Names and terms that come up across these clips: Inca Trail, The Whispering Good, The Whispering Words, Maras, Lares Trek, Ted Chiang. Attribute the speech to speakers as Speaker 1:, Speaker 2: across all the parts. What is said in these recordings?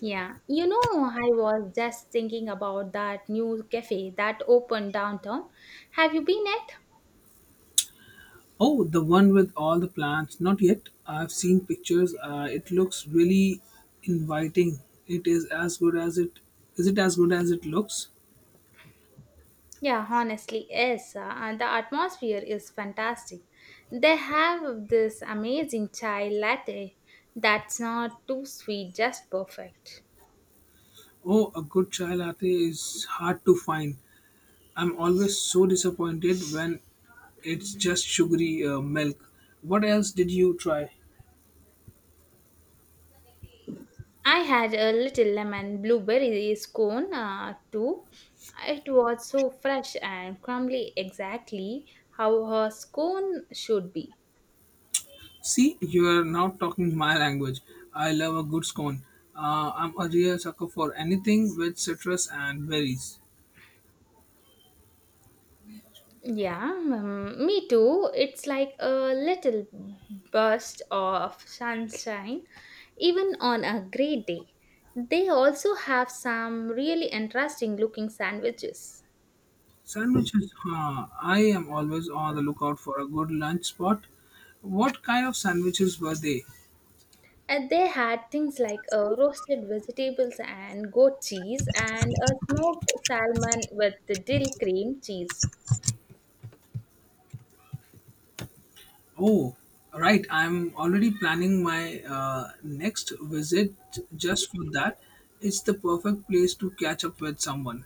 Speaker 1: Yeah, you know, I was just thinking about that new cafe that opened downtown. Have you been at?
Speaker 2: Oh, the one with all the plants. Not yet. I've seen pictures. It looks really inviting. It is as good as it Is it as good as it looks?
Speaker 1: Yeah, honestly, yes. And the atmosphere is fantastic. They have this amazing chai latte that's not too sweet, just perfect.
Speaker 2: Oh, a good chai latte is hard to find. I'm always so disappointed when it's just sugary milk. What else did you try?
Speaker 1: I had a little lemon blueberry scone too. It was so fresh and crumbly, exactly how a scone should be.
Speaker 2: See, you are now talking my language. I love a good scone. I'm a real sucker for anything with citrus and berries.
Speaker 1: Yeah, me too. It's like a little burst of sunshine, even on a gray day. They also have some really interesting looking sandwiches.
Speaker 2: Sandwiches. Huh. I am always on the lookout for a good lunch spot. What kind of sandwiches were they?
Speaker 1: And they had things like roasted vegetables and goat cheese and a smoked salmon with the dill cream cheese.
Speaker 2: Oh, right. I'm already planning my next visit just for that. It's the perfect place to catch up with someone.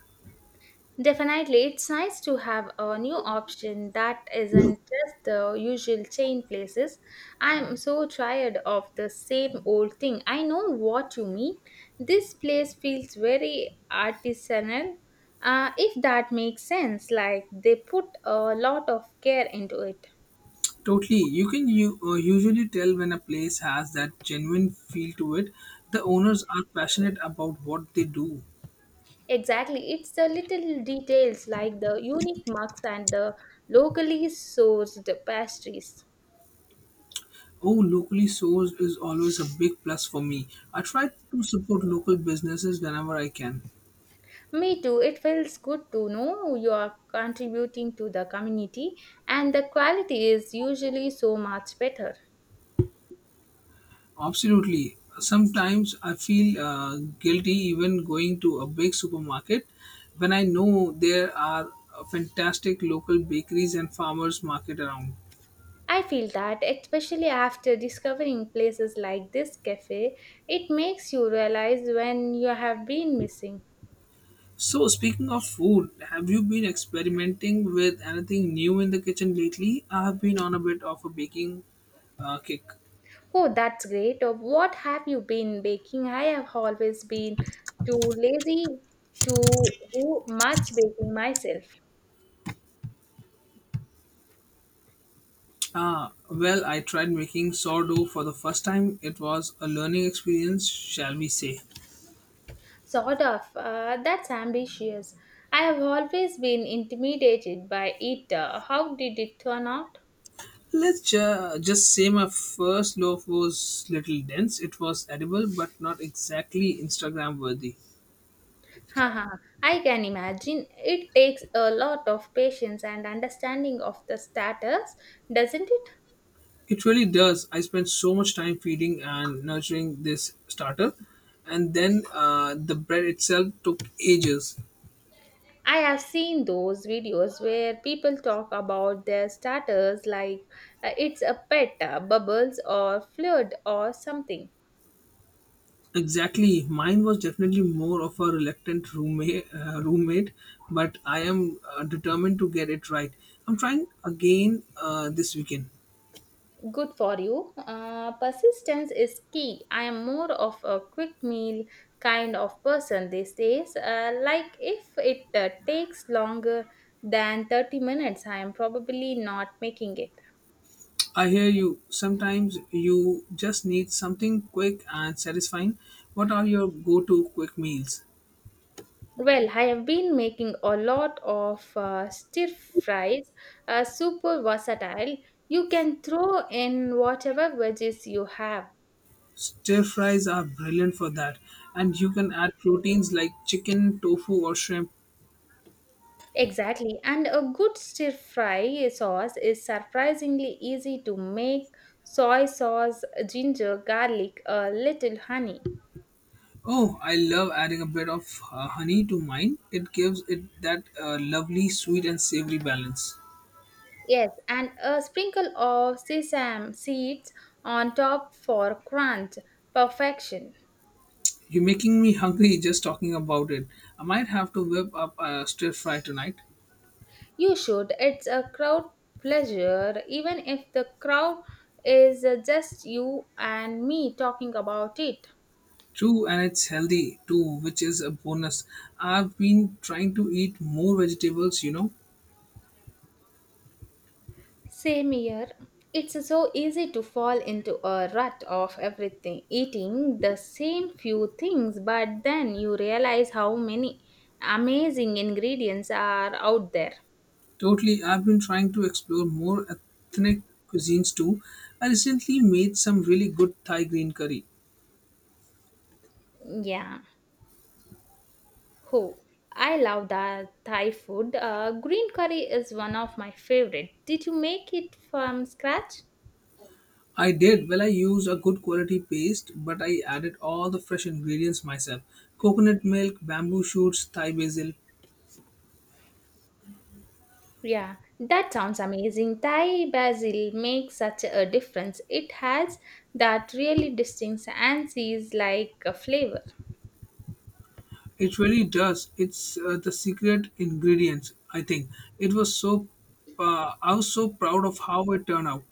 Speaker 1: Definitely, it's nice to have a new option that isn't just the usual chain places. I'm so tired of the same old thing. I know what you mean. This place feels very artisanal, if that makes sense. Like they put a lot of care into it.
Speaker 2: Totally. You can usually tell when a place has that genuine feel to it. The owners are passionate about what they do.
Speaker 1: Exactly, it's the little details like the unique mugs and the locally sourced pastries.
Speaker 2: Oh, locally sourced is always a big plus for me. I try to support local businesses whenever I can.
Speaker 1: Me too. It feels good to know you are contributing to the community, and the quality is usually so much better.
Speaker 2: Absolutely. Sometimes I feel guilty even going to a big supermarket when I know there are fantastic local bakeries and farmers market around.
Speaker 1: I feel that, especially after discovering places like this cafe, it makes you realize when you have been missing.
Speaker 2: So speaking of food, have you been experimenting with anything new in the kitchen lately? I have been on a bit of a baking kick.
Speaker 1: Oh, that's great. Of what have you been baking? I have always been too lazy to do much baking myself.
Speaker 2: Ah, well, I tried making sourdough for the first time. It was a learning experience, shall we say.
Speaker 1: Sort of. That's ambitious. I have always been intimidated by it. How did it turn out?
Speaker 2: Let's just say my first loaf was little dense. It was edible, but not exactly Instagram worthy.
Speaker 1: Haha, I can imagine. It takes a lot of patience and understanding of the status, doesn't it?
Speaker 2: It really does. I spent so much time feeding and nurturing this starter, and then the bread itself took ages.
Speaker 1: I have seen those videos where people talk about their status like it's a pet, bubbles, or flirt, or something.
Speaker 2: Exactly. Mine was definitely more of a reluctant roommate, but I am determined to get it right. I'm trying again this weekend.
Speaker 1: Good for you. Persistence is key. I am more of a quick meal kind of person these days. Like if it takes longer than 30 minutes, I am probably not making it.
Speaker 2: I hear you. Sometimes you just need something quick and satisfying. What are your go to quick meals?
Speaker 1: Well, I have been making a lot of stir fries, super versatile. You can throw in whatever veggies you have.
Speaker 2: Stir fries are brilliant for that, and you can add proteins like chicken, tofu, or shrimp.
Speaker 1: Exactly, and a good stir fry sauce is surprisingly easy to make soy sauce, ginger, garlic, a little honey.
Speaker 2: Oh, I love adding a bit of honey to mine. It gives it that lovely sweet and savory balance.
Speaker 1: Yes, and a sprinkle of sesame seeds on top for crunch perfection.
Speaker 2: You're making me hungry just talking about it. I might have to whip up a stir fry tonight.
Speaker 1: You should, it's a crowd pleasure, even if the crowd is just you and me talking about it.
Speaker 2: True, and it's healthy too, which is a bonus. I've been trying to eat more vegetables.
Speaker 1: Same here. It's so easy to fall into a rut of everything, eating the same few things, but then you realize how many amazing ingredients are out there.
Speaker 2: Totally, I've been trying to explore more ethnic cuisines too. I recently made some really good Thai green curry.
Speaker 1: Yeah. Oh, I love the Thai food. Green curry is one of my favorite. Did you make it from scratch?
Speaker 2: I did. Well, I used a good quality paste, but I added all the fresh ingredients myself coconut milk, bamboo shoots, Thai basil.
Speaker 1: Yeah, that sounds amazing. Thai basil makes such a difference. It has that really distinct anise like a flavor.
Speaker 2: It really does. It's the secret ingredients, I think. It was so, I was so proud of how it turned out.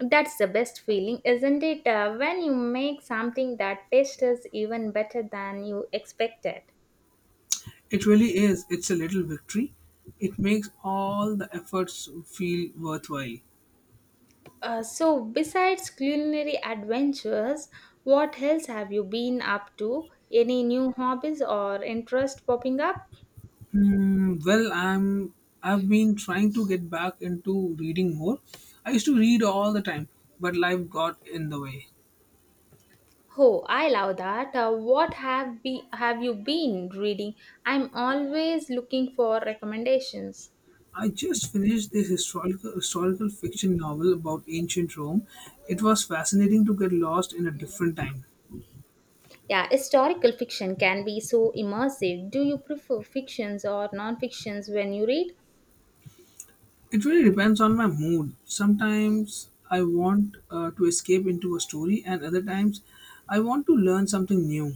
Speaker 1: That's the best feeling, isn't it? When you make something that tastes even better than you expected.
Speaker 2: It really is. It's a little victory. It makes all the efforts feel worthwhile.
Speaker 1: So, besides culinary adventures, what else have you been up to? Any new hobbies or interest popping up?
Speaker 2: Mm, well, I'm. I've been trying to get back into reading more. I used to read all the time, but life got in the way.
Speaker 1: Oh, I love that. Uh, what have you been reading? I'm always looking for recommendations.
Speaker 2: I just finished this historical fiction novel about ancient Rome. It was fascinating to get lost in a different time.
Speaker 1: Yeah, historical fiction can be so immersive. Do you prefer fictions or non-fictions when you read?
Speaker 2: It really depends on my mood. Sometimes I want to escape into a story, and other times I want to learn something new.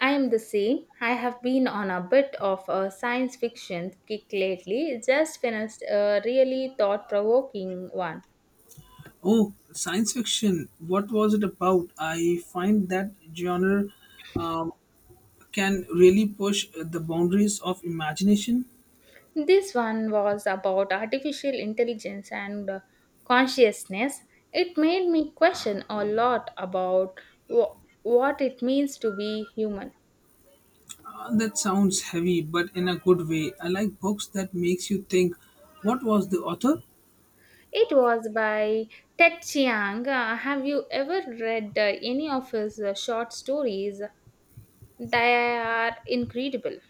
Speaker 1: I am the same. I have been on a bit of a science fiction kick lately. Just finished a really thought provoking one.
Speaker 2: Oh, science fiction. What was it about? I find that genre um, can really push the boundaries of imagination.
Speaker 1: This one was about artificial intelligence and consciousness. It made me question a lot about wh- what it means to be human.
Speaker 2: That sounds heavy, but in a good way. I like books that makes you think. What was the author?
Speaker 1: It was by Ted Chiang. Have you ever read any of his short stories? They are incredible.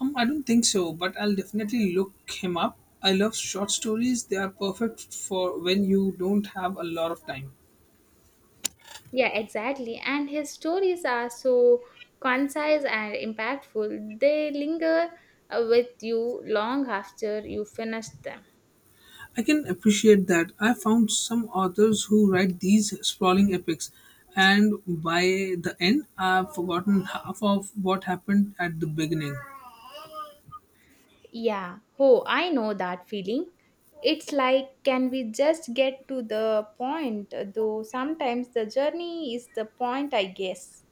Speaker 2: I don't think so, but I'll definitely look him up. I love short stories. They are perfect for when you don't have a lot of time.
Speaker 1: Yeah, exactly. And his stories are so concise and impactful. They linger with you long after you finish them.
Speaker 2: I can appreciate that. I found some authors who write these sprawling epics, and by the end, I've forgotten half of what happened at the beginning.
Speaker 1: Yeah, oh, I know that feeling. It's like, can we just get to the point? Though sometimes the journey is the point, I guess.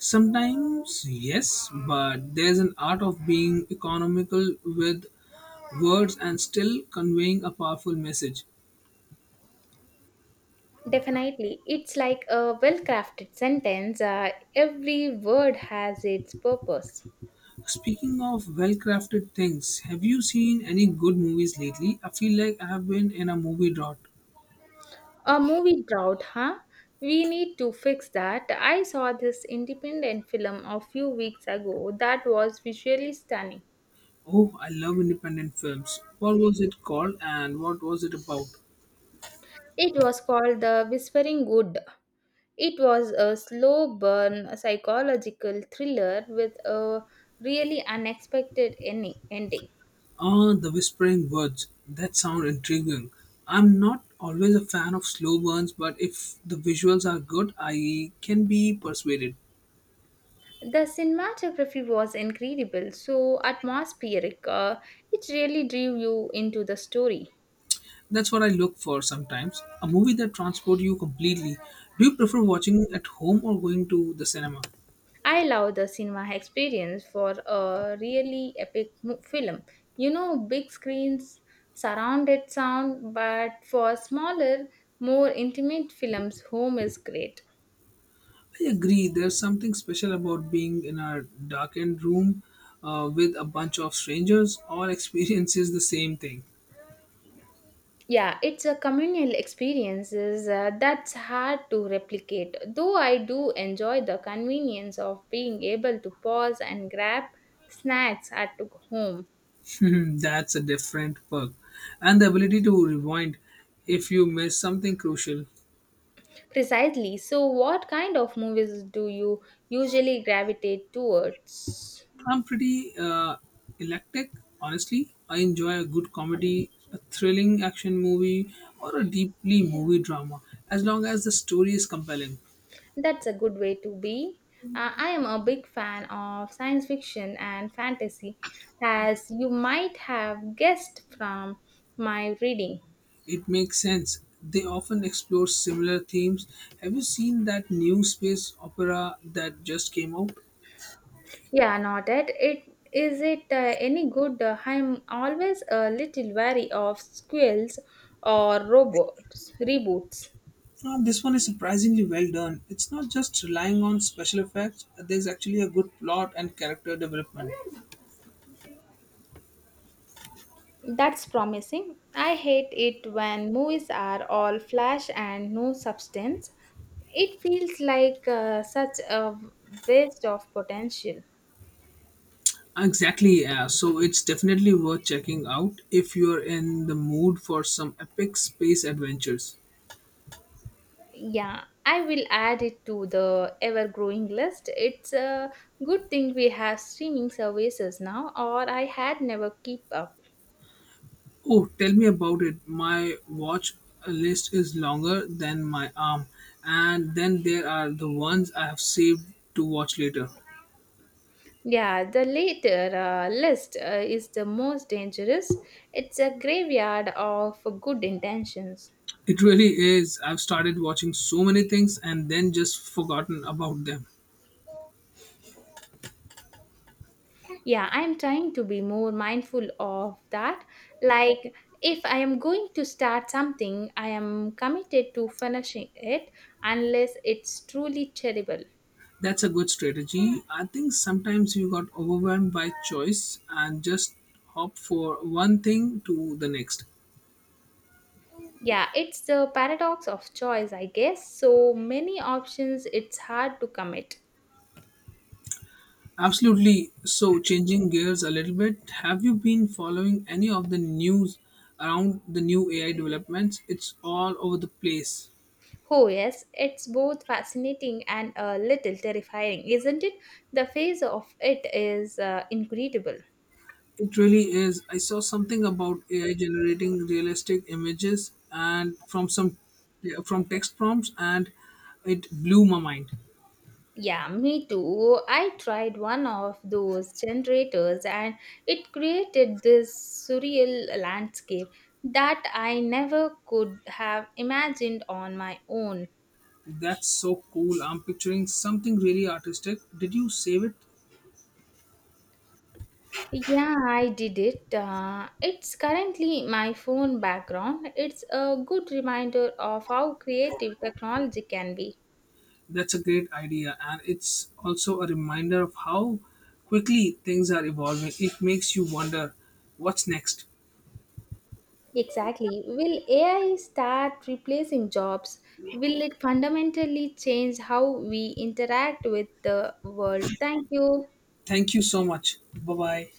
Speaker 2: Sometimes, yes, but there's an art of being economical with words and still conveying a powerful message.
Speaker 1: Definitely. It's like a well crafted sentence, every word has its purpose.
Speaker 2: Speaking of well crafted things, have you seen any good movies lately? I feel like I have been in a movie drought.
Speaker 1: A movie drought, huh? We need to fix that. I saw this independent film a few weeks ago that was visually stunning.
Speaker 2: Oh, I love independent films. What was it called and what was it about?
Speaker 1: It was called The Whispering Good. It was a slow burn psychological thriller with a really unexpected ending.
Speaker 2: Ah, The Whispering Words. That sound intriguing. I'm not always a fan of slow burns, but if the visuals are good, I can be persuaded.
Speaker 1: The cinematography was incredible, so atmospheric. It really drew you into the story.
Speaker 2: That's what I look for sometimes. A movie that transports you completely. Do you prefer watching at home or going to the cinema?
Speaker 1: I love the cinema experience for a really epic film. You know, big screens, surrounded sound, but for smaller, more intimate films, home is great.
Speaker 2: I agree. There's something special about being in a darkened room with a bunch of strangers. All experiences the same thing.
Speaker 1: Yeah, it's a communal experience that's hard to replicate. Though I do enjoy the convenience of being able to pause and grab snacks at home.
Speaker 2: That's a different perk. And the ability to rewind if you miss something crucial.
Speaker 1: Precisely. So, what kind of movies do you usually gravitate towards?
Speaker 2: I'm pretty electric, honestly. I enjoy a good comedy, a thrilling action movie, or a deeply movie drama, as long as the story is compelling.
Speaker 1: That's a good way to be. I am a big fan of science fiction and fantasy, as you might have guessed from my reading.
Speaker 2: It makes sense. They often explore similar themes. Have you seen that new space opera that just came out?
Speaker 1: Yeah, not it. Is it any good? I'm always a little wary of squirrels or robots reboots.
Speaker 2: This one is surprisingly well done. It's not just relying on special effects, there's actually a good plot and character development.
Speaker 1: That's promising. I hate it when movies are all flash and no substance. It feels like such a waste of potential.
Speaker 2: Exactly, yeah. So it's definitely worth checking out if you're in the mood for some epic space adventures.
Speaker 1: Yeah, I will add it to the ever growing list. It's a good thing we have streaming services now, or I had never keep up.
Speaker 2: Oh, tell me about it. My watch list is longer than my arm, and then there are the ones I have saved to watch later.
Speaker 1: Yeah, the later list is the most dangerous. It's a graveyard of good intentions.
Speaker 2: It really is. I've started watching so many things and then just forgotten about them.
Speaker 1: Yeah, I'm trying to be more mindful of that. Like, if I am going to start something, I am committed to finishing it unless it's truly terrible.
Speaker 2: That's a good strategy. I think sometimes you got overwhelmed by choice and just hop for one thing to the next.
Speaker 1: Yeah, it's the paradox of choice, I guess. So many options, it's hard to commit.
Speaker 2: Absolutely. So, changing gears a little bit, have you been following any of the news around the new AI developments? It's all over the place.
Speaker 1: Oh, yes, it's both fascinating and a little terrifying, isn't it? The phase of it is incredible.
Speaker 2: It really is. I saw something about AI generating realistic images and from some yeah, from text prompts and it blew my mind.
Speaker 1: Yeah, me too. I tried one of those generators and it created this surreal landscape that I never could have imagined on my own.
Speaker 2: That's so cool. I'm picturing something really artistic. Did you save it?
Speaker 1: Yeah, I did it. It's currently my phone background. It's a good reminder of how creative technology can be.
Speaker 2: That's a great idea, and it's also a reminder of how quickly things are evolving. It makes you wonder what's next.
Speaker 1: Exactly. Will AI start replacing jobs? Will it fundamentally change how we interact with the world? Thank you.
Speaker 2: Thank you so much. Bye bye.